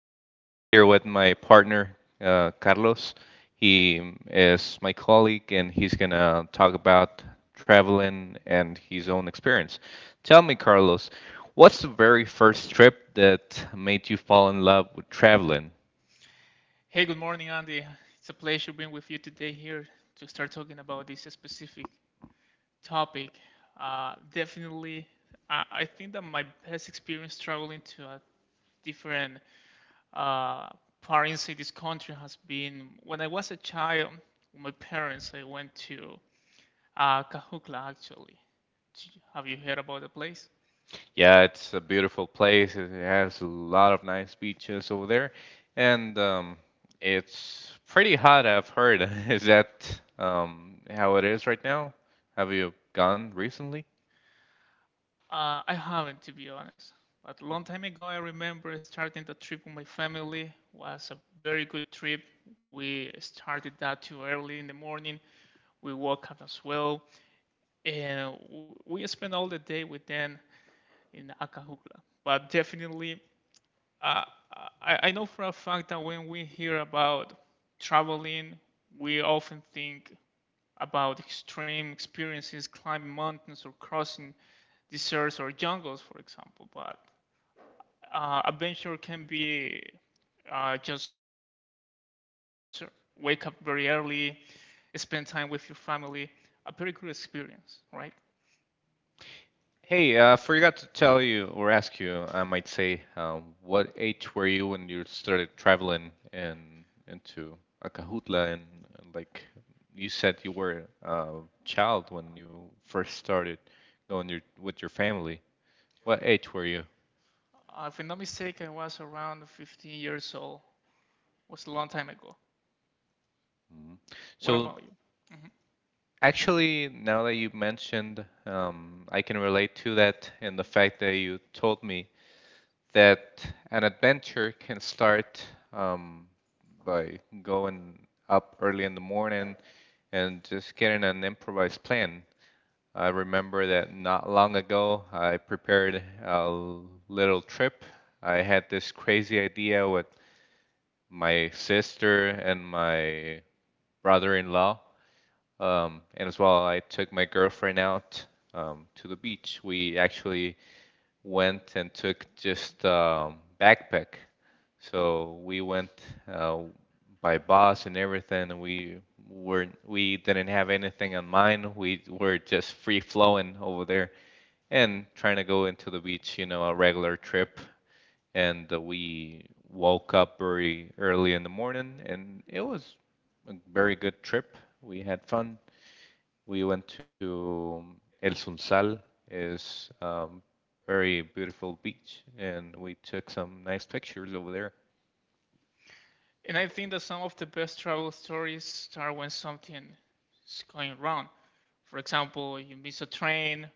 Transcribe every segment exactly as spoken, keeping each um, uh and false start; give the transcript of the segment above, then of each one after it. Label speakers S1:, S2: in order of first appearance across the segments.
S1: Um, I'm here with my partner, uh, Carlos. He is my colleague, and he's gonna talk about traveling and his own experience. Tell me, Carlos, what's the very first trip that made you fall in love with traveling?
S2: Hey, good morning, Andy. It's a pleasure being with you today here to start talking about this specific topic. Uh, definitely, I, I think that my best experience traveling to a different uh, part inside this country has been when I was a child. With my parents, I went to uh, Cajucla actually. Do you- Have you heard about the place?
S1: Yeah, it's a beautiful place. It has a lot of nice beaches over there, and um, it's pretty hot, I've heard. Is that um, how it is right now? Have you gone recently?
S2: Uh, I haven't, to be honest. But a long time ago, I remember starting the trip with my family. Was a very good trip. We started that too early in the morning. We woke up as well, and w- we spent all the day with them in Acajutla. But definitely, uh, I, I know for a fact that when we hear about traveling, we often think about extreme experiences, climbing mountains or crossing deserts or jungles, for example. But uh, adventure can be uh, just wake up very early, spend time with your family. A very good experience, right?
S1: Hey, I uh, forgot to tell you or ask you, I might say, um, what age were you when you started traveling and into Acajutla? And, and like you said, you were a child when you first started going your, with your family. What age were you?
S2: Uh, if I'm not mistaken, I was around fifteen years old years old. It was a long time ago.
S1: Mhm.
S2: What
S1: So
S2: about you?
S1: actually, now that you mentioned, um, I can relate to that in the fact that you told me that an adventure can start um, by going up early in the morning and just getting an improvised plan. I remember that not long ago, I prepared a little trip. I had this crazy idea with my sister and my brother-in-law. Um, and as well, I took my girlfriend out um, to the beach. We actually went and took just um, backpack. So we went uh, by bus and everything, and we were we didn't have anything in mind. We were just free flowing over there and trying to go into the beach, you know, a regular trip. And uh, we woke up very early in the morning, and it was a very good trip. We had fun. We went to um, El Sunsal, is um, very beautiful beach, and we took some nice pictures over there.
S2: And I think that some of the best travel stories start when something is going wrong. For example, you miss a train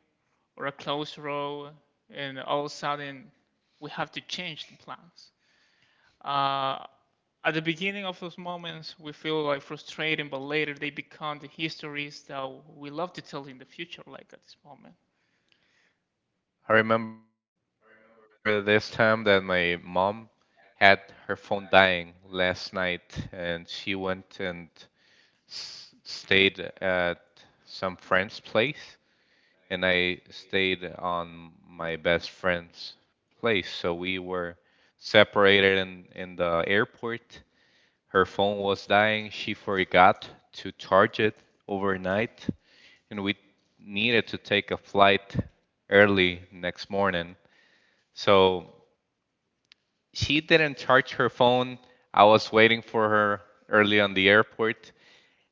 S2: or a closed road, and all of a sudden we have to change the plans. Uh, at the beginning of those moments, we feel like frustrating, but later they become the histories that we love to tell in the future, like at this moment.
S1: I remember this time that my mom had her phone dying last night, and she went and s stayed at some friend's place, and I stayed on my best friend's place. So we were separated in in the airport. Her phone was dying. She forgot to charge it overnight, and we needed to take a flight early next morning. So she didn't charge her phone. I was waiting for her early on the airport.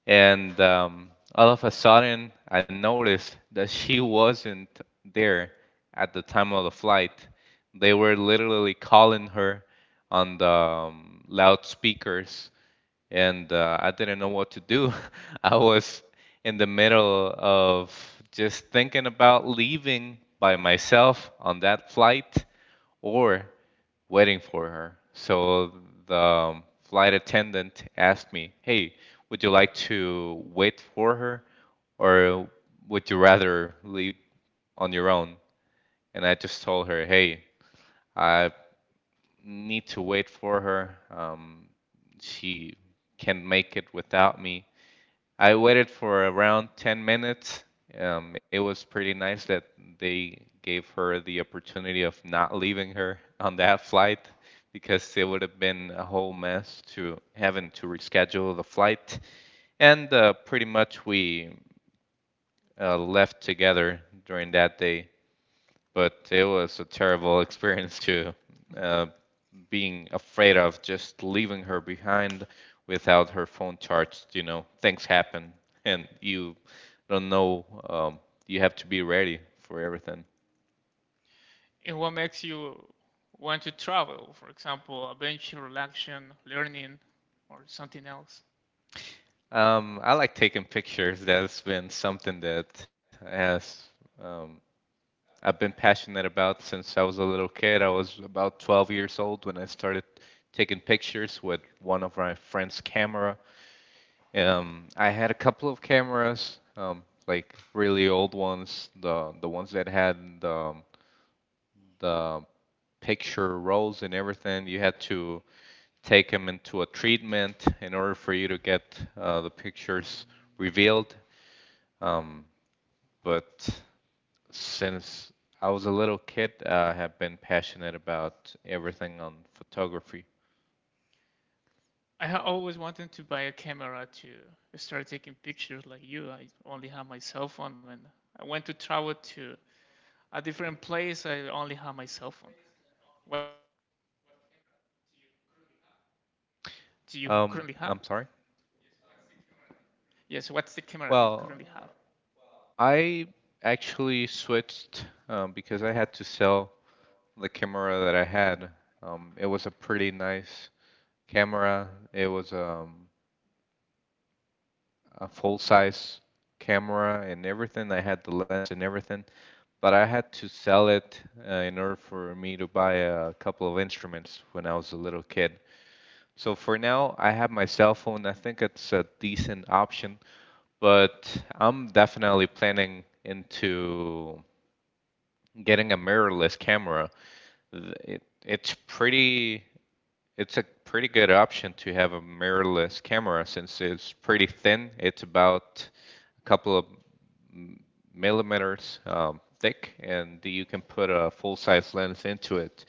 S1: And um, all of a sudden, I noticed that she wasn't there at the time of the flight. They were literally calling her on the um, loudspeakers, and uh, I didn't know what to do. I was in the middle of just thinking about leaving by myself on that flight or waiting for her. So the um, flight attendant asked me, "Hey, would you like to wait for her, or would you rather leave on your own?" And I just told her, "Hey, I need to wait for her. Um, she can not make it without me." I waited for around ten minutes. Um, it was pretty nice that they gave her the opportunity of not leaving her on that flight because it would have been a whole mess to having to reschedule the flight. And uh, pretty much we uh, left together during that day, but it was a terrible experience too. Uh, Being afraid of just leaving her behind without her phone charged, you know, things happen and you don't know, um, you have to be ready for everything.
S2: And what makes you want to travel, for example, adventure, action, learning, or something else?
S1: Um, I like taking pictures. That's been something that has um, I've been passionate about since I was a little kid. I was about twelve years old when I started taking pictures with one of my friend's camera. Um, I had a couple of cameras, um, like really old ones, the the ones that had the the picture rolls and everything. You had to take them into a treatment in order for you to get uh, the pictures revealed. Um, but since I was a little kid, I have been passionate about everything on photography.
S2: I ha- always wanted to buy a camera to start taking pictures like you. I only have my cell phone. When I went to travel to a different place, I only have my cell phone. What camera do you currently have?
S1: Um, I'm sorry.
S2: Yeah, so what's the camera that you currently have?
S1: Well, I actually switched um, because I had to sell the camera that I had. Um, it was a pretty nice camera. It was um, a full size camera and everything. I had the lens and everything, but I had to sell it uh, in order for me to buy a couple of instruments when I was a little kid. So for now, I have my cell phone. I think it's a decent option, but I'm definitely planning into getting a mirrorless camera. It, it's pretty It's a pretty good option to have a mirrorless camera since it's pretty thin. It's about a couple of millimeters um, thick, and you can put a full-size lens into it.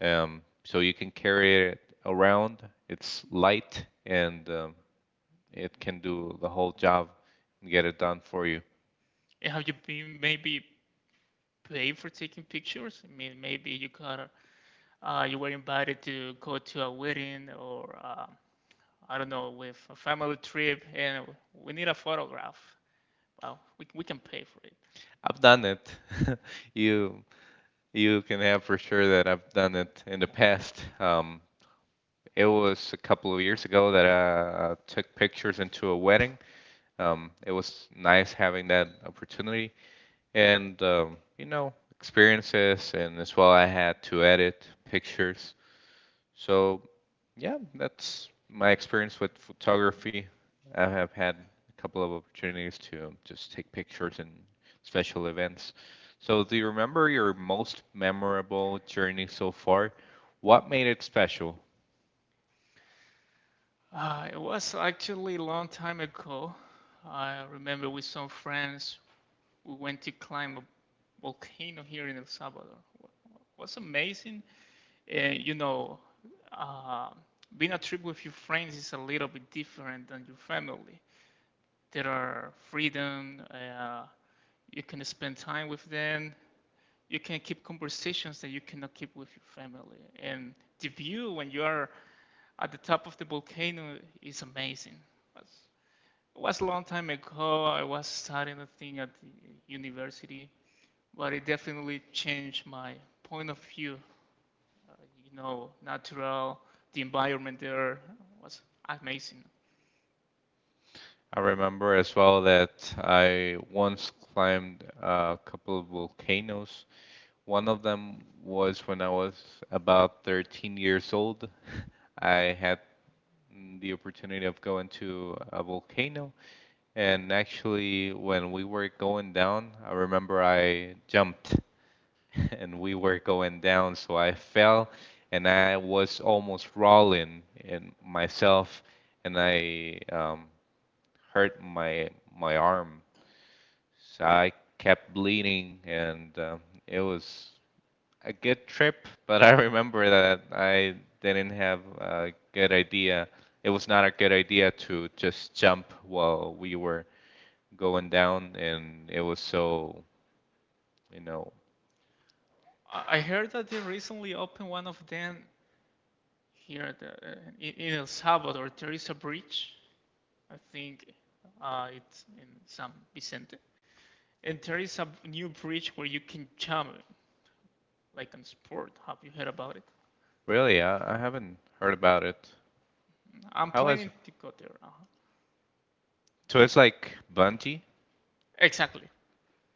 S1: Um, so you can carry it around. It's light, and um, it can do the whole job and get it done for you.
S2: And have you been maybe paid for taking pictures? I mean, maybe you got uh, you were invited to go to a wedding or uh, I don't know, with a family trip, and we need a photograph. Well, we we can pay for it.
S1: I've done it. You you can have for sure that I've done it in the past. Um, It was a couple of years ago that I took pictures into a wedding. Um, it was nice having that opportunity, and um, you know, experiences, and as well, I had to edit pictures. So yeah, that's my experience with photography. I have had a couple of opportunities to um, just take pictures in special events. So, do you remember your most memorable journey so far? What made it special?
S2: Uh, it was actually a long time ago. I remember with some friends we went to climb a volcano here in El Salvador. Wa- was amazing. And you know, uh, being a trip with your friends is a little bit different than your family. There are freedom. Uh, you can spend time with them. You can keep conversations that you cannot keep with your family. And the view when you are at the top of the volcano is amazing. It was a long time ago. I was studying a thing at the university, but it definitely changed my point of view uh, you know, natural. The environment there was amazing.
S1: I remember as well that I once climbed a couple of volcanoes. One of them was when I was about thirteen years old. I had the opportunity of going to a volcano, and actually, when we were going down, I remember I jumped and we were going down, so I fell and I was almost rolling in myself, and I um, hurt my my arm so I kept bleeding, and um, it was a good trip, but I remember that I didn't have a good idea. It was not a good idea to just jump while we were going down, and it was so, you know,
S2: I heard that they recently opened one of them here uh, in in El Salvador. There is a bridge, I think uh, it's in San Vicente, and there is a new bridge where you can jump like in sport. Have you heard about it?
S1: really, I, I haven't heard about it.
S2: I'm
S1: How is
S2: planning
S1: it?
S2: to go there. Uh-huh.
S1: So it's like bungee?
S2: Exactly.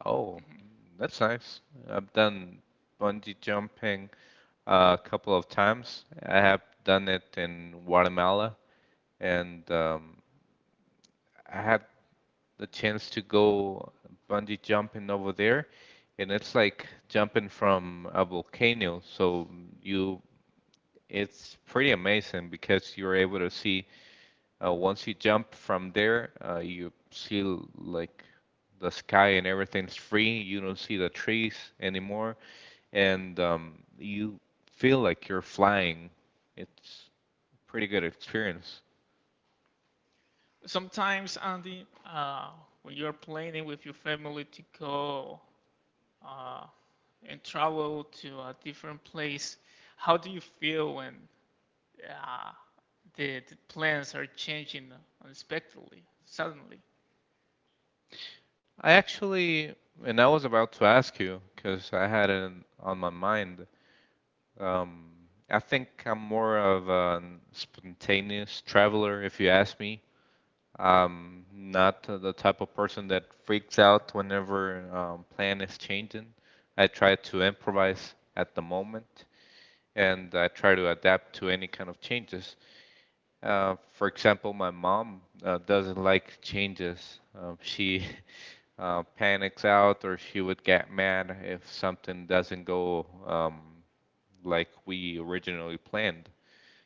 S1: Oh,
S2: hmm
S1: that's nice. I've done bungee jumping a couple of times. I have done it in Guatemala and um, I had the chance to go bungee jumping over there, and it's like jumping from a volcano. So you, it's pretty amazing because you're able to see uh, once you jump from there, uh, you see like the sky and everything's free. You don't see the trees anymore, and um, you feel like you're flying. It's pretty good experience.
S2: Sometimes, Andy, uh, when you're planning with your family to go uh, and travel to a different place, how do you feel when uh, the, the plans are changing unexpectedly, suddenly?
S1: I actually, and I was about to ask you because I had it in- on my mind. Um, I think I'm more of a spontaneous traveler, if you ask me. Um, not the type of person that freaks out whenever um, plan is changing. I try to improvise at the moment, and I try to adapt to any kind of changes. Uh, for example, my mom uh, doesn't like changes. Um, she uh, panics out, or she would get mad if something doesn't go um, like we originally planned.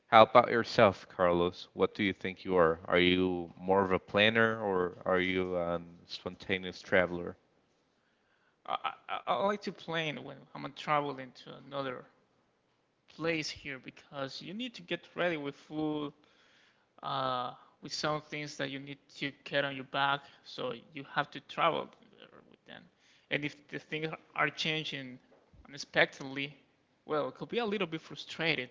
S1: How about yourself, Carlos? What do you think you are? Are you more of a planner, or are you a spontaneous traveler?
S2: I, I, I like to plan when I'm traveling to another place here because you need to get ready with food, uh, with some things that you need to carry on your back, so you have to travel with them. And if the things are changing unexpectedly, well, it could be a little bit frustrated,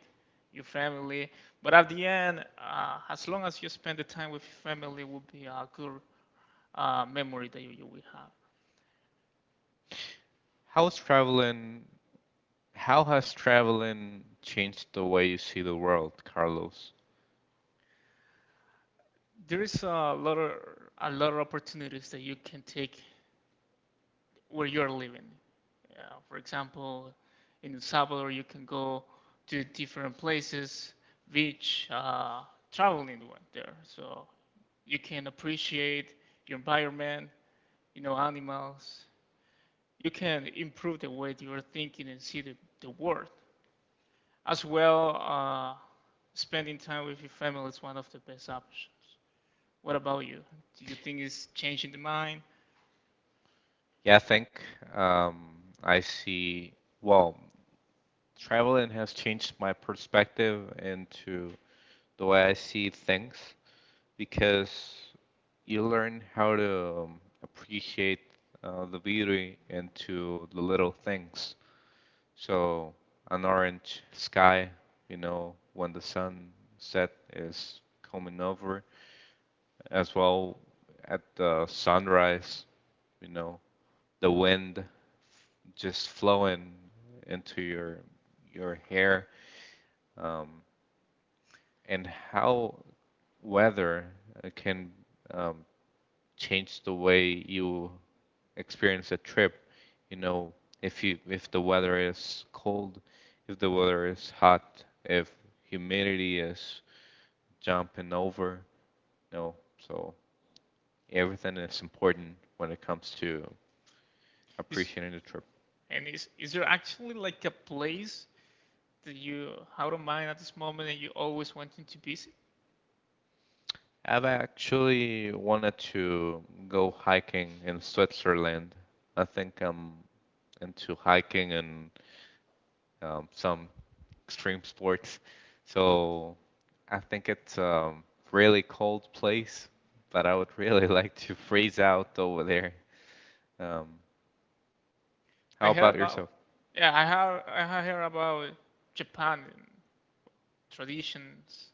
S2: your family. But at the end, uh, as long as you spend the time with your family, will be a good uh, memory that you, you will have.
S1: How's traveling? How has traveling changed the way you see the world, Carlos?
S2: There is a lot of a lot of opportunities that you can take where you are living. Uh, for example, in El Salvador, you can go to different places, beach, uh, traveling went there. So you can appreciate your environment, you know, animals. You can improve the way you are thinking and see the, the world. As well, uh, spending time with your family is one of the best options. What about you? Do you think it's changing the mind?
S1: Yeah, I think um, I see. Well, traveling has changed my perspective into the way I see things because you learn how to um, appreciate uh, the beauty into the little things. So an orange sky, you know, when the sun set is coming over, as well at the sunrise, you know, the wind f- just flowing into your your hair. Um, And how weather uh, can um, change the way you experience a trip. You know, if you if the weather is cold, if the weather is hot, if humidity is jumping over, you know, so everything is important when it comes to
S2: Is
S1: appreciating the trip.
S2: and is is there actually like a place that you out of mind at this moment and you always wanting to visit?
S1: I've actually wanted to go hiking in Switzerland. I think I'm into hiking and um, some extreme sports. So I think it's a really cold place, but I would really like to freeze out over there. Um,
S2: I
S1: how
S2: heard
S1: about yourself?
S2: about, yeah, I heard I ha- heard about Japan and traditions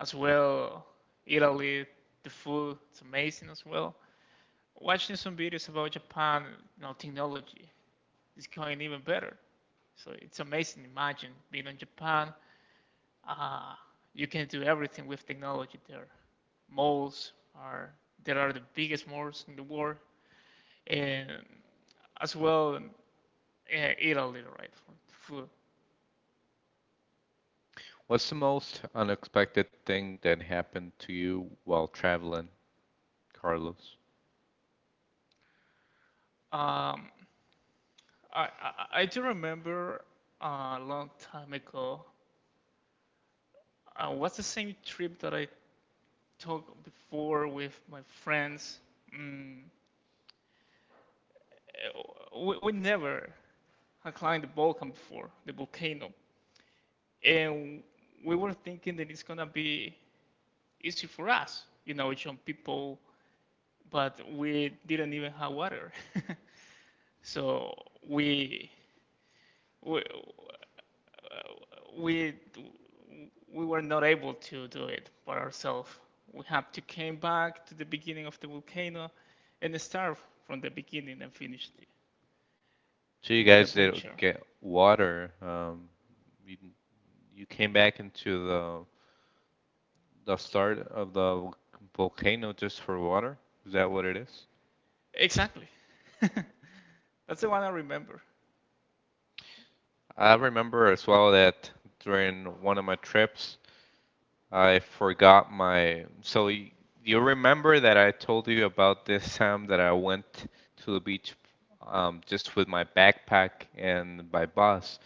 S2: as well. Italy, the food, it's amazing as well. Watching some videos about Japan, you know, technology is going even better. So it's amazing. Imagine being in Japan. Uh, you can do everything with technology there. Malls are there are the biggest malls in the world. And as well, uh, Italy, right? For food.
S1: What's the most unexpected thing that happened to you while traveling, Carlos?
S2: Um, I, I I do remember a long time ago. Uh, what's the same trip that I took before with my friends? Mm, uh, we, we never had climbed the Balkan before, the volcano, and we were thinking that it's gonna be easy for us, you know, young people, but we didn't even have water, so we we we we were not able to do it by ourselves. We have to came back to the beginning of the volcano and start from the beginning and finish the,
S1: So
S2: the,
S1: you
S2: yes. The
S1: guys did
S2: adventure.
S1: get water. Um, you, you came back into the the start of the volcano just for water? Is that what it is?
S2: Exactly. That's the one I remember.
S1: I remember as well that during one of my trips, I forgot my. So y- you remember that I told you about this time that I went to the beach um, just with my backpack and by bus.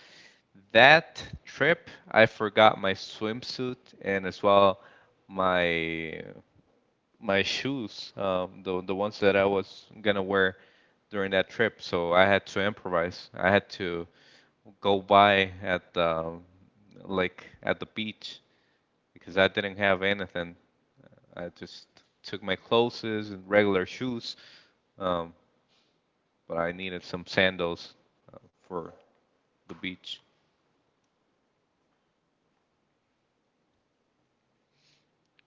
S1: That trip, I forgot my swimsuit and as well my my shoes, um, the the ones that I was gonna wear during that trip. So I had to improvise. I had to go by at the like at the beach because I didn't have anything. I just took my clothes and regular shoes, um, but I needed some sandals uh, for the beach.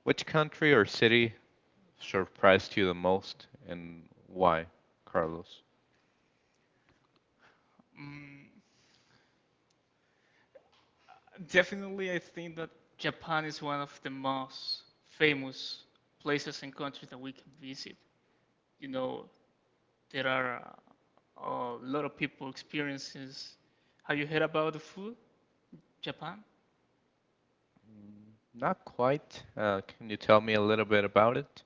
S1: Which country or city surprised you the most and why, Carlos?
S2: Mm, definitely, I think that Japan is one of the most famous places and countries that we can visit. You know, There are uh, a lot of people experiences. Have you heard about the food, Japan?
S1: Not quite. Uh, can you tell me a little bit about it?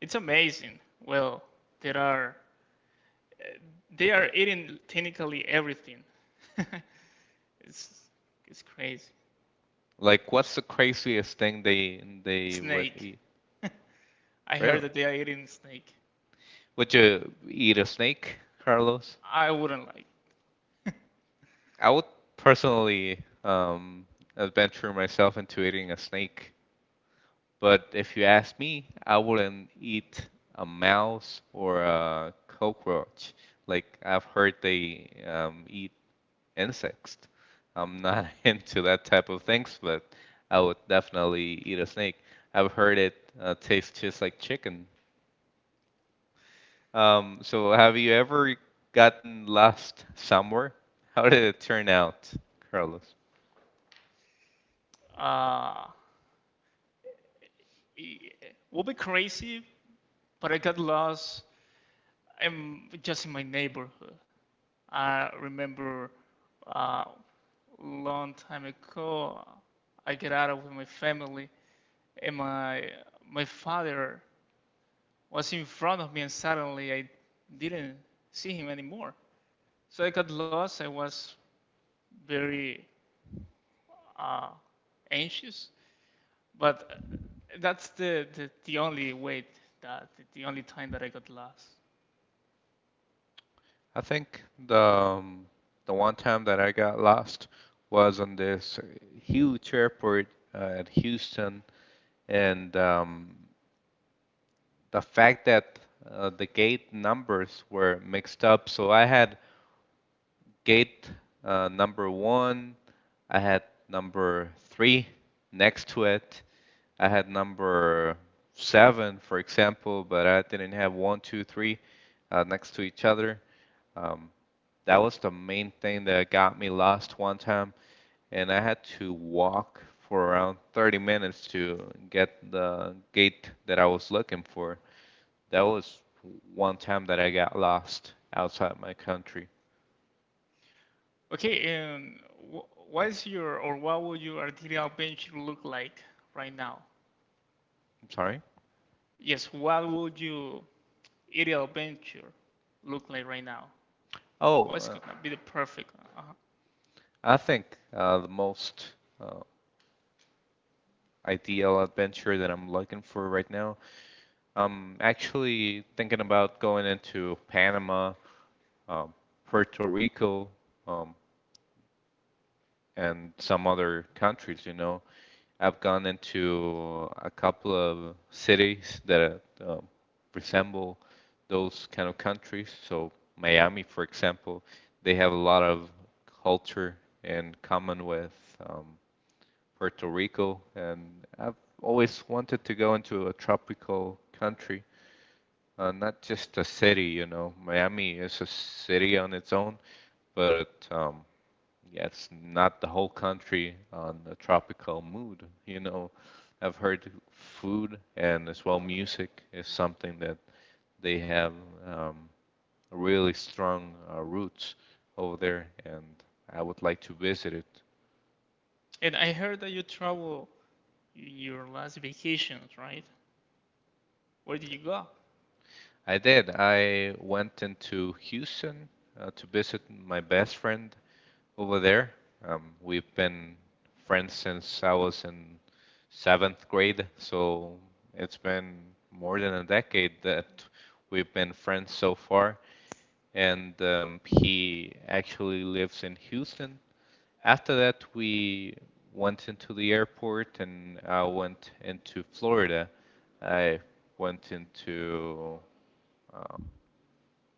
S2: It's amazing. Well, there are uh, they are eating technically everything. It's it's crazy.
S1: Like, what's the craziest thing they they would
S2: Snake.
S1: eat?
S2: I heard
S1: Really?
S2: that they are eating snake.
S1: Would you eat a snake, Carlos?
S2: I wouldn't like.
S1: I would personally um, adventure myself into eating a snake. But if you ask me, I wouldn't eat a mouse or a cockroach. Like I've heard they um, eat insects. I'm not into that type of things, but I would definitely eat a snake. I've heard it uh, tastes just like chicken. Um, so have you ever gotten lost somewhere? How did it turn out, Carlos?
S2: Uh, it would be crazy, but I got lost. I'm just in my neighborhood. I remember a uh, long time ago, I get out of with my family, and my my father was in front of me, and suddenly I didn't see him anymore. So I got lost. I was very uh, anxious, but that's the, the, the only way that the only time that I got lost.
S1: I think the um, the one time that I got lost was on this huge airport uh, at Houston, and um, the fact that uh, the gate numbers were mixed up, so I had gate uh, number one. I had number three next to it. I had number seven, for example, but I didn't have one, two, three uh, next to each other. Um, that was the main thing that got me lost one time, and I had to walk for around thirty minutes to get the gate that I was looking for. That was one time that I got lost outside my country.
S2: Okay, and wh- what is your or what would your ideal adventure look like right now?
S1: I'm sorry.
S2: Yes, what would your ideal venture look like right now?
S1: Oh,
S2: What's
S1: uh,
S2: gonna be the perfect? Uh-huh.
S1: I think uh, the most uh, ideal adventure that I'm looking for right now. I'm actually thinking about going into Panama, um, Puerto Rico, um, and some other countries, you know. I've gone into a couple of cities that uh, um, resemble those kind of countries. So Miami, for example, they have a lot of culture in common with um, Puerto Rico, and I've always wanted to go into a tropical country, uh, not just a city. You know, Miami is a city on its own, but it, um, yeah, it's not the whole country on a tropical mood. You know, I've heard food and as well music is something that they have um, really strong uh, roots over there, and I would like to visit it.
S2: And I heard that you travel in your last vacations, right? Where did you go?
S1: I did. I went into Houston uh, to visit my best friend over there. Um, we've been friends since I was in seventh grade, so it's been more than a decade that we've been friends so far. And um, he actually lives in Houston. After that, we went into the airport and I went into Florida. I went into um,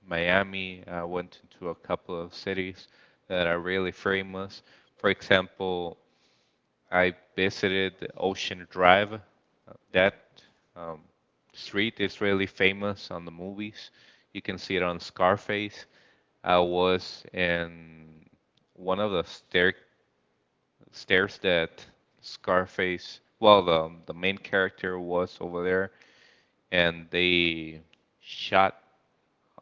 S1: Miami. I went into a couple of cities that are really famous. For example, I visited Ocean Drive. Uh, That um, street is really famous on the movies. You can see it on Scarface. I was in one of the stair stairs that Scarface, well, the the main character was over there, and they shot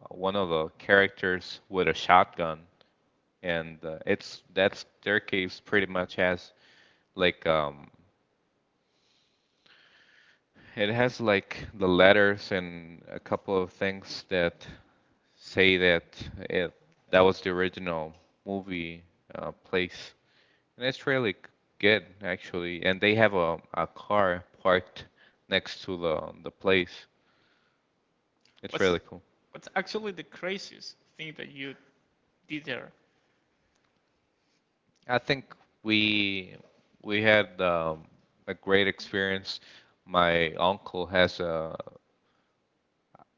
S1: uh, one of the characters with a shotgun, and uh, it's that staircase pretty much has like um, it has like the letters and a couple of things that say that it that was the original movie uh, place, and it's really good actually. And they have a, a car parked next to the the place. It's
S2: What's
S1: really cool.
S2: what's actually the craziest thing that you did there?
S1: I think we we had um, a great experience. My uncle has a,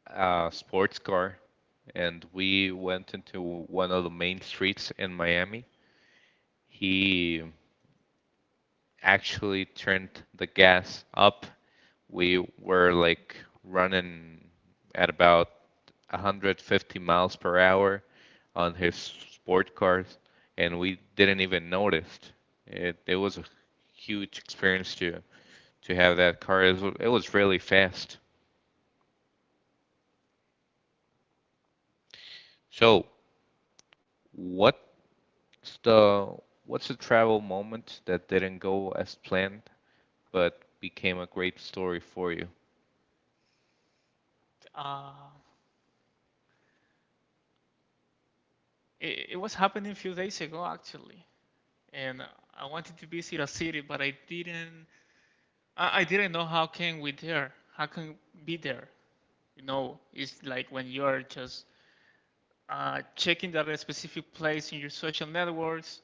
S1: a sports car, and we went into one of the main streets in Miami. He actually turned the gas up, we were like running at about one hundred fifty miles per hour on his sport cars, and we didn't even notice. It, it was a huge experience to to have that car. It was, it was really fast. So, what's the what's the travel moment that didn't go as planned but became a great story for you?
S2: Uh, it, it was happening a few days ago actually, and I wanted to visit a city, but I didn't. I, I didn't know how can we there. How can be there? You know, it's like when you are just uh, checking that a specific place in your social networks,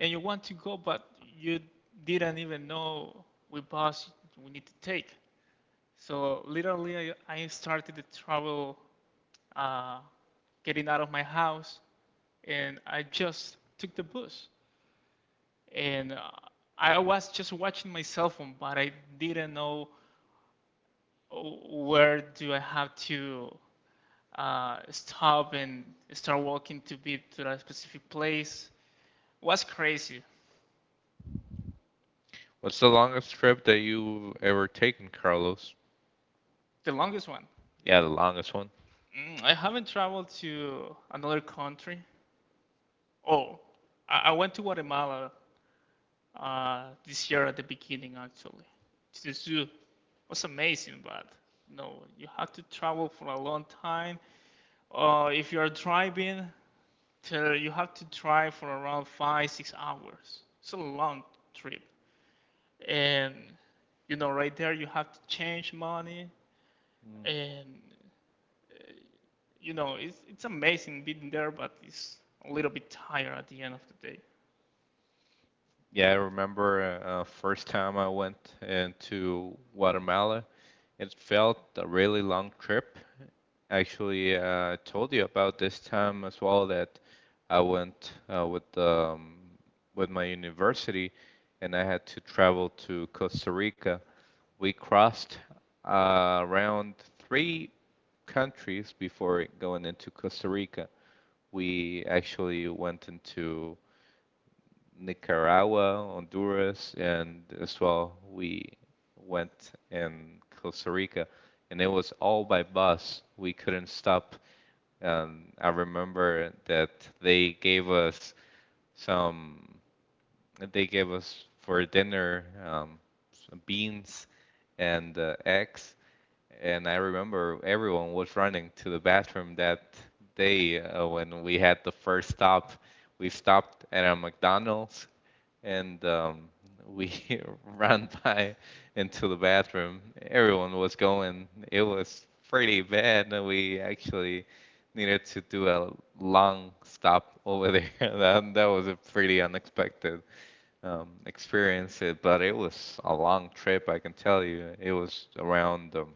S2: and you want to go, but you didn't even know which bus we need to take. So literally, I, I started to travel, uh, getting out of my house, and I just took the bus. And uh, I was just watching my cell phone, but I didn't know where do I have to uh, stop and start walking to be to that specific place was crazy.
S1: What's the longest trip that you ever taken, Carlos?
S2: The longest one.
S1: Yeah, the longest one.
S2: Mm, I haven't traveled to another country. Oh, I, I went to Guatemala uh, this year at the beginning, actually, to the zoo. It was amazing, but no, you have to travel for a long time. Uh, if you are driving, till you have to drive for around five, six hours. It's a long trip. And, you know, right there you have to change money.
S1: Mm,
S2: And, uh, you know, it's, it's amazing being there, but it's a little bit tired at the end of the day.
S1: yeah, I remember uh, uh, first time I went into Guatemala. It felt a really long trip. Actually, uh, I told you about this time as well that I went uh, with um, with my university, and I had to travel to Costa Rica. We crossed uh, around three countries before going into Costa Rica. We actually went into Nicaragua, Honduras, and as well we went in Costa Rica, and it was all by bus. We couldn't stop. And I remember that they gave us some, they gave us for dinner um, some beans and uh, eggs, and I remember everyone was running to the bathroom that day uh, when we had the first stop. We stopped at a McDonald's and um, we ran by into the bathroom. Everyone was going. It was pretty bad. And We actually needed to do a long stop over there. That, that was a pretty unexpected um, experience, uh, but it was a long trip, I can tell you. It was around um,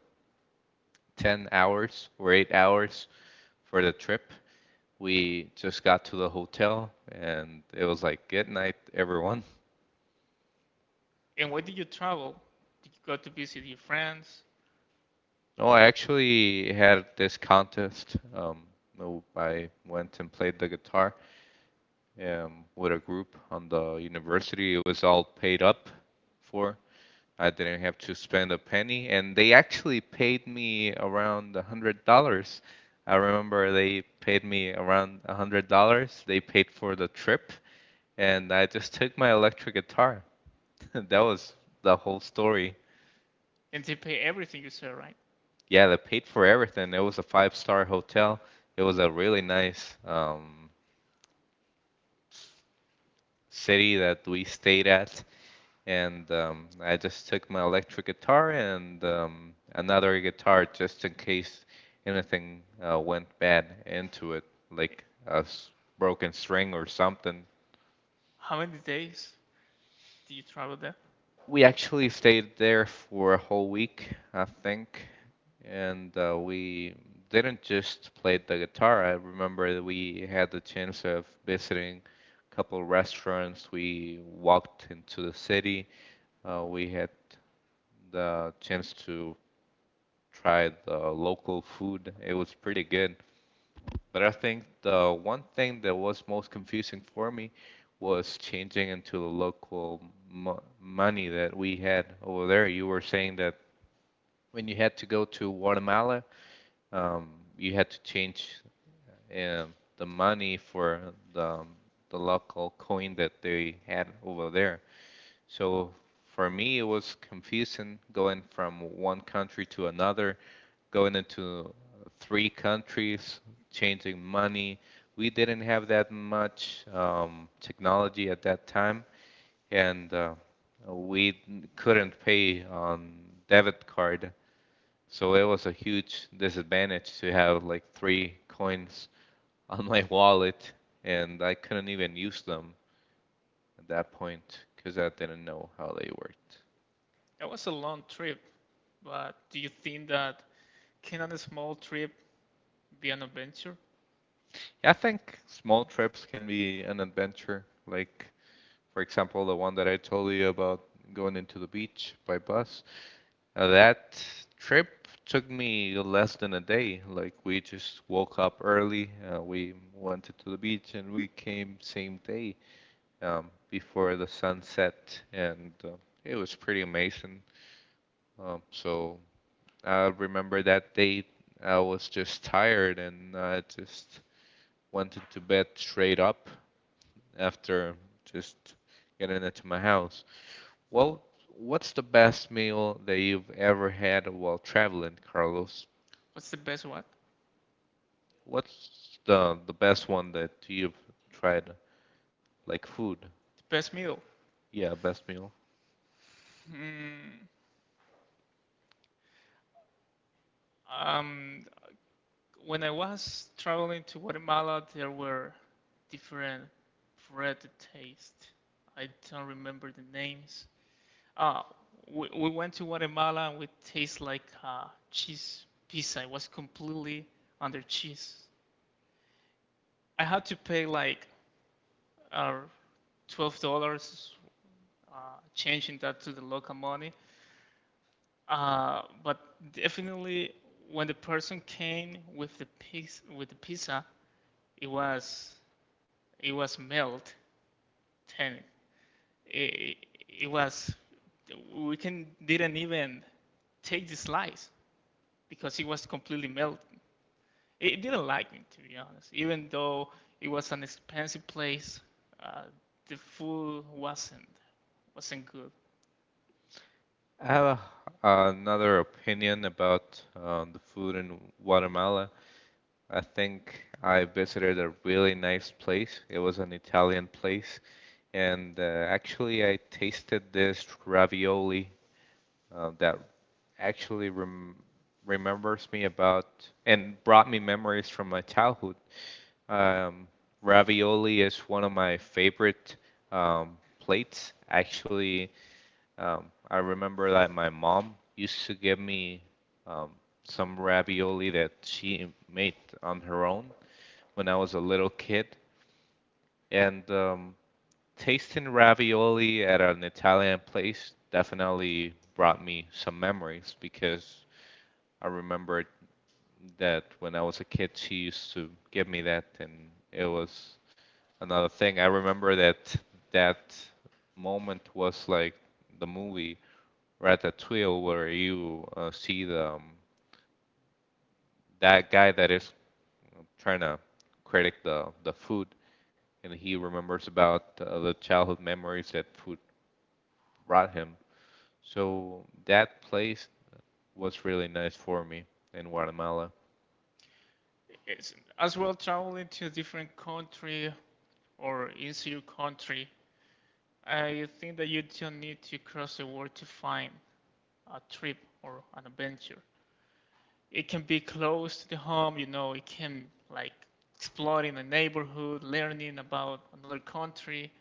S1: ten hours or eight hours for the trip. We just got to the hotel and it was like, good night, everyone.
S2: And why did you travel? Did you go to visit your friends?
S1: No, I actually had this contest. Um, no, I went and played the guitar um, with a group on the university. It was all paid up for. I didn't have to spend a penny, and they actually paid me around a hundred dollars. I remember they paid me around a hundred dollars. They paid for the trip, and I just took my electric guitar. That was the whole story.
S2: And they pay everything you said, right?
S1: Yeah, they paid for everything. It was a five-star hotel. It was a really nice um, city that we stayed at, and um, I just took my electric guitar and um, another guitar just in case anything uh, went bad into it, like a s- broken string or something.
S2: How many days did you travel there?
S1: We actually stayed there for a whole week, I think, and uh, we didn't just play the guitar. I remember that we had the chance of visiting a couple of restaurants. We walked into the city. Uh, we had the chance to try the local food. It was pretty good. But I think the one thing that was most confusing for me was changing into the local mo money that we had over there. You were saying that when you had to go to Guatemala, um, you had to change uh, the money for the um, the local coin that they had over there. So for me, it was confusing going from one country to another, going into three countries, changing money. We didn't have that much um, technology at that time, and uh, we couldn't pay on debit card, so it was a huge disadvantage to have like three coins on my wallet, and I couldn't even use them at that point because I didn't know how they worked.
S2: That was a long trip, but do you think that can a small trip be an adventure?
S1: Yeah, I think small trips can be an adventure. Like, for example, the one that I told you about going into the beach by bus. Uh, that trip took me less than a day. Like, we just woke up early, uh, we went to the beach, and we came same day, um, before the sun set, and uh, it was pretty amazing. Um, so I remember that day I was just tired and I just went into bed straight up after just getting into my house. Well, what's the best meal that you've ever had while traveling, Carlos?
S2: What's the best what?
S1: What's the the best one that you've tried, like food?
S2: The best meal.
S1: Yeah, best meal.
S2: Hmm. Um, when I was traveling to Guatemala, there were different bread taste. I don't remember the names. Ah, we, we went to Guatemala and we taste like uh, cheese pizza. It was completely under cheese. I had to pay like uh, twelve dollars, uh, changing that to the local money. Uh, but definitely when the person came with the piz with the pizza, it was it was melt and it, it was we can didn't even take the slice because it was completely melted. It didn't like me to be honest, even though it was an expensive place. Uh, the food wasn't wasn't good.
S1: I have a, another opinion about um, the food in Guatemala. I think I visited a really nice place. It was an Italian place, and uh, actually I tasted this ravioli uh, that actually rem remembers me about and brought me memories from my childhood. Um, Ravioli is one of my favorite um, plates. Actually, um, I remember that my mom used to give me um, some ravioli that she made on her own when I was a little kid. And um, tasting ravioli at an Italian place definitely brought me some memories because I remembered that when I was a kid, she used to give me that, and it was another thing. I remember that that moment was like the movie Ratatouille where you uh, see the um, that guy that is trying to critic the the food, and he remembers about uh, the childhood memories that food brought him. So that place was really nice for me in Guatemala.
S2: It's, as well, traveling to a different country or inside your country, I think that you don't need to cross the world to find a trip or an adventure. It can be close to the home, you know, it can like exploring a neighborhood, learning about another country,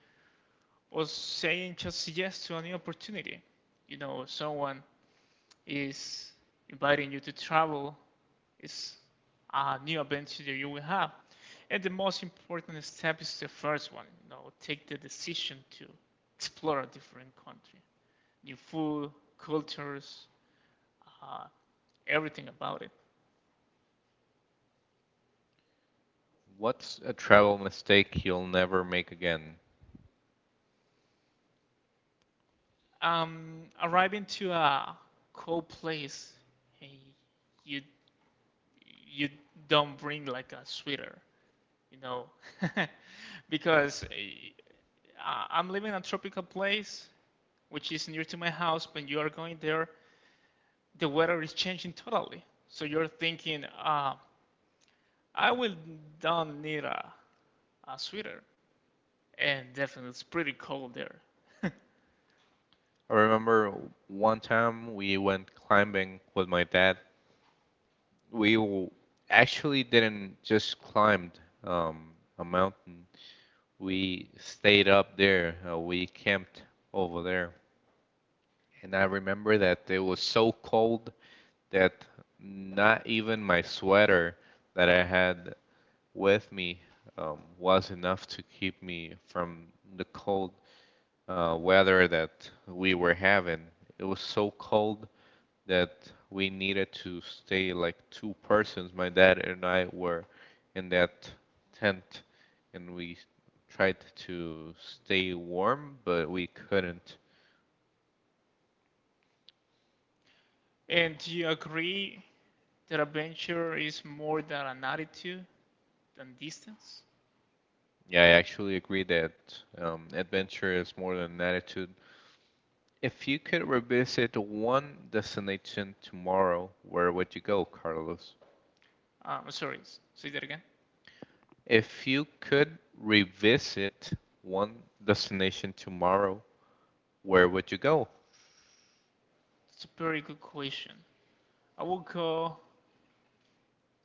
S2: or saying just yes to a new opportunity. You know, someone is inviting you to travel, it's a new adventure that you will have. And the most important step is the first one, you know, take the decision to explore a different country. The food, cultures, uh, everything about it.
S1: What's a travel mistake you'll never make again?
S2: Um, arriving to a cold place, hey, you you don't bring like a sweater, you know, because uh, I'm living in a tropical place which is near to my house. When you are going there, the weather is changing totally. So you're thinking, uh, I will don't need a, a sweater, and definitely it's pretty cold there.
S1: I remember one time we went climbing with my dad. We w- actually didn't just climb um, a mountain. We stayed up there. Uh, we camped over there. And I remember that it was so cold that not even my sweater that I had with me um, was enough to keep me from the cold uh, weather that we were having. It was so cold that we needed to stay like two persons. My dad and I were in that tent and we tried to stay warm, but we couldn't.
S2: And do you agree that adventure is more than an attitude than distance?
S1: Yeah, I actually agree that um, adventure is more than an attitude. If you could revisit one destination tomorrow, where would you go, Carlos?
S2: Um, sorry, say that again.
S1: If you could revisit one destination tomorrow, where would you go?
S2: It's a very good question. I will go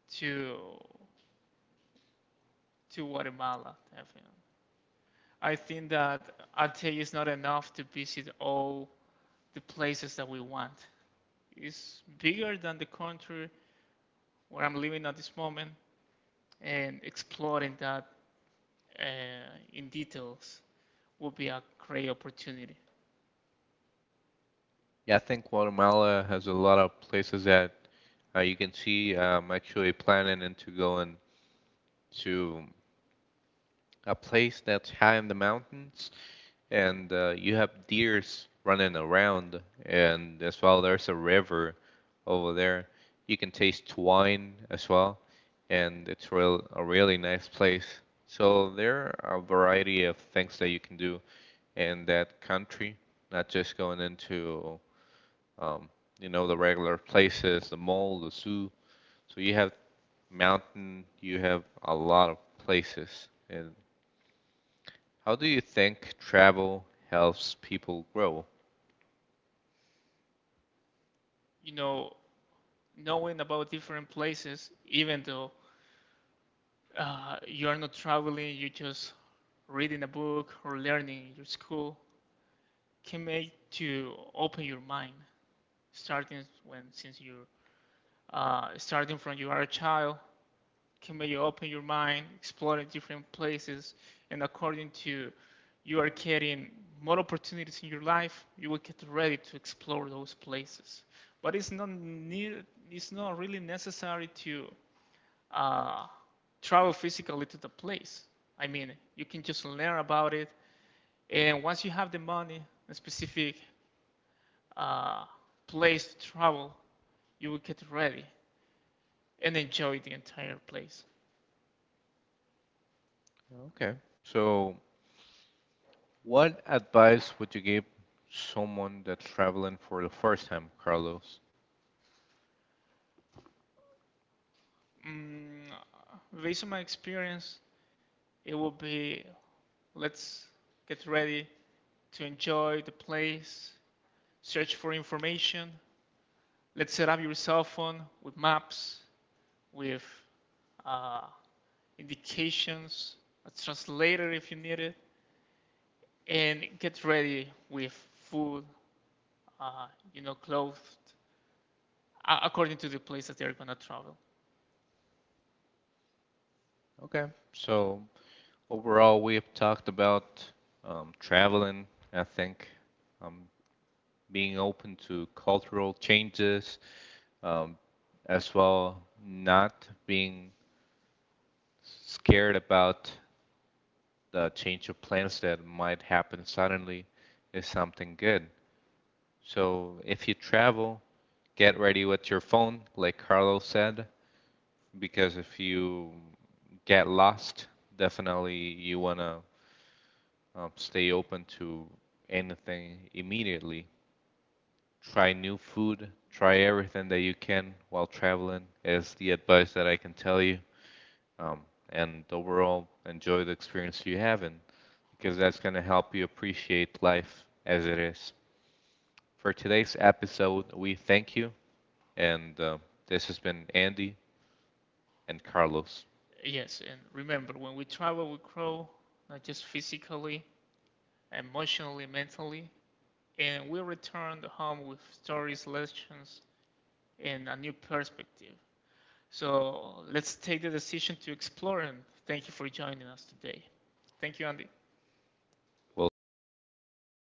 S2: to to Guatemala, definitely. I think that Ate is not enough to visit all the places that we want. It's bigger than the country where I'm living at this moment, and exploring that uh, in details would be a great opportunity.
S1: Yeah, I think Guatemala has a lot of places that uh, you can see. I'm actually planning into going to a place that's high in the mountains, and uh, you have deers running around, and as well there's a river over there. You can taste wine as well, and it's real a really nice place. So there are a variety of things that you can do in that country, not just going into um, you know, the regular places, the mall, the zoo. So you have mountain, you have a lot of places. And how do you think travel helps people grow?
S2: You know, knowing about different places, even though uh, you are not traveling, you just reading a book or learning in your school, can make to open your mind. Starting when since you're uh, starting from you are a child, can make you open your mind, exploring different places, and according to you are getting more opportunities in your life, you will get ready to explore those places. But it's not need, it's not really necessary to uh, travel physically to the place. I mean, you can just learn about it, and once you have the money, a specific uh, place to travel, you will get ready and enjoy the entire place.
S1: Okay, so what advice would you give someone that's traveling for the first time, Carlos?
S2: Mm, based on my experience, it will be let's get ready to enjoy the place, search for information, let's set up your cell phone with maps, with uh, indications, a translator if you need it, and get ready with food, uh, you know, clothes, uh, according to the place that they're gonna travel.
S1: Okay, so overall, we have talked about um, traveling, I think, um, being open to cultural changes, um, as well not being scared about the change of plans that might happen suddenly is something good. So if you travel, get ready with your phone, like Carlos said, because if you get lost, definitely you want to um, stay open to anything immediately. Try new food, try everything that you can while traveling, is the advice that I can tell you. um, and overall enjoy the experience you have and because that's going to help you appreciate life as it is. For today's episode, we thank you, and uh, this has been Andy and Carlos.
S2: Yes, and remember, when we travel, we grow not just physically, emotionally, mentally, and we return home with stories, lessons, and a new perspective. So let's take the decision to explore, and thank you for joining us today. Thank you, Andy.
S1: We'll see you in the next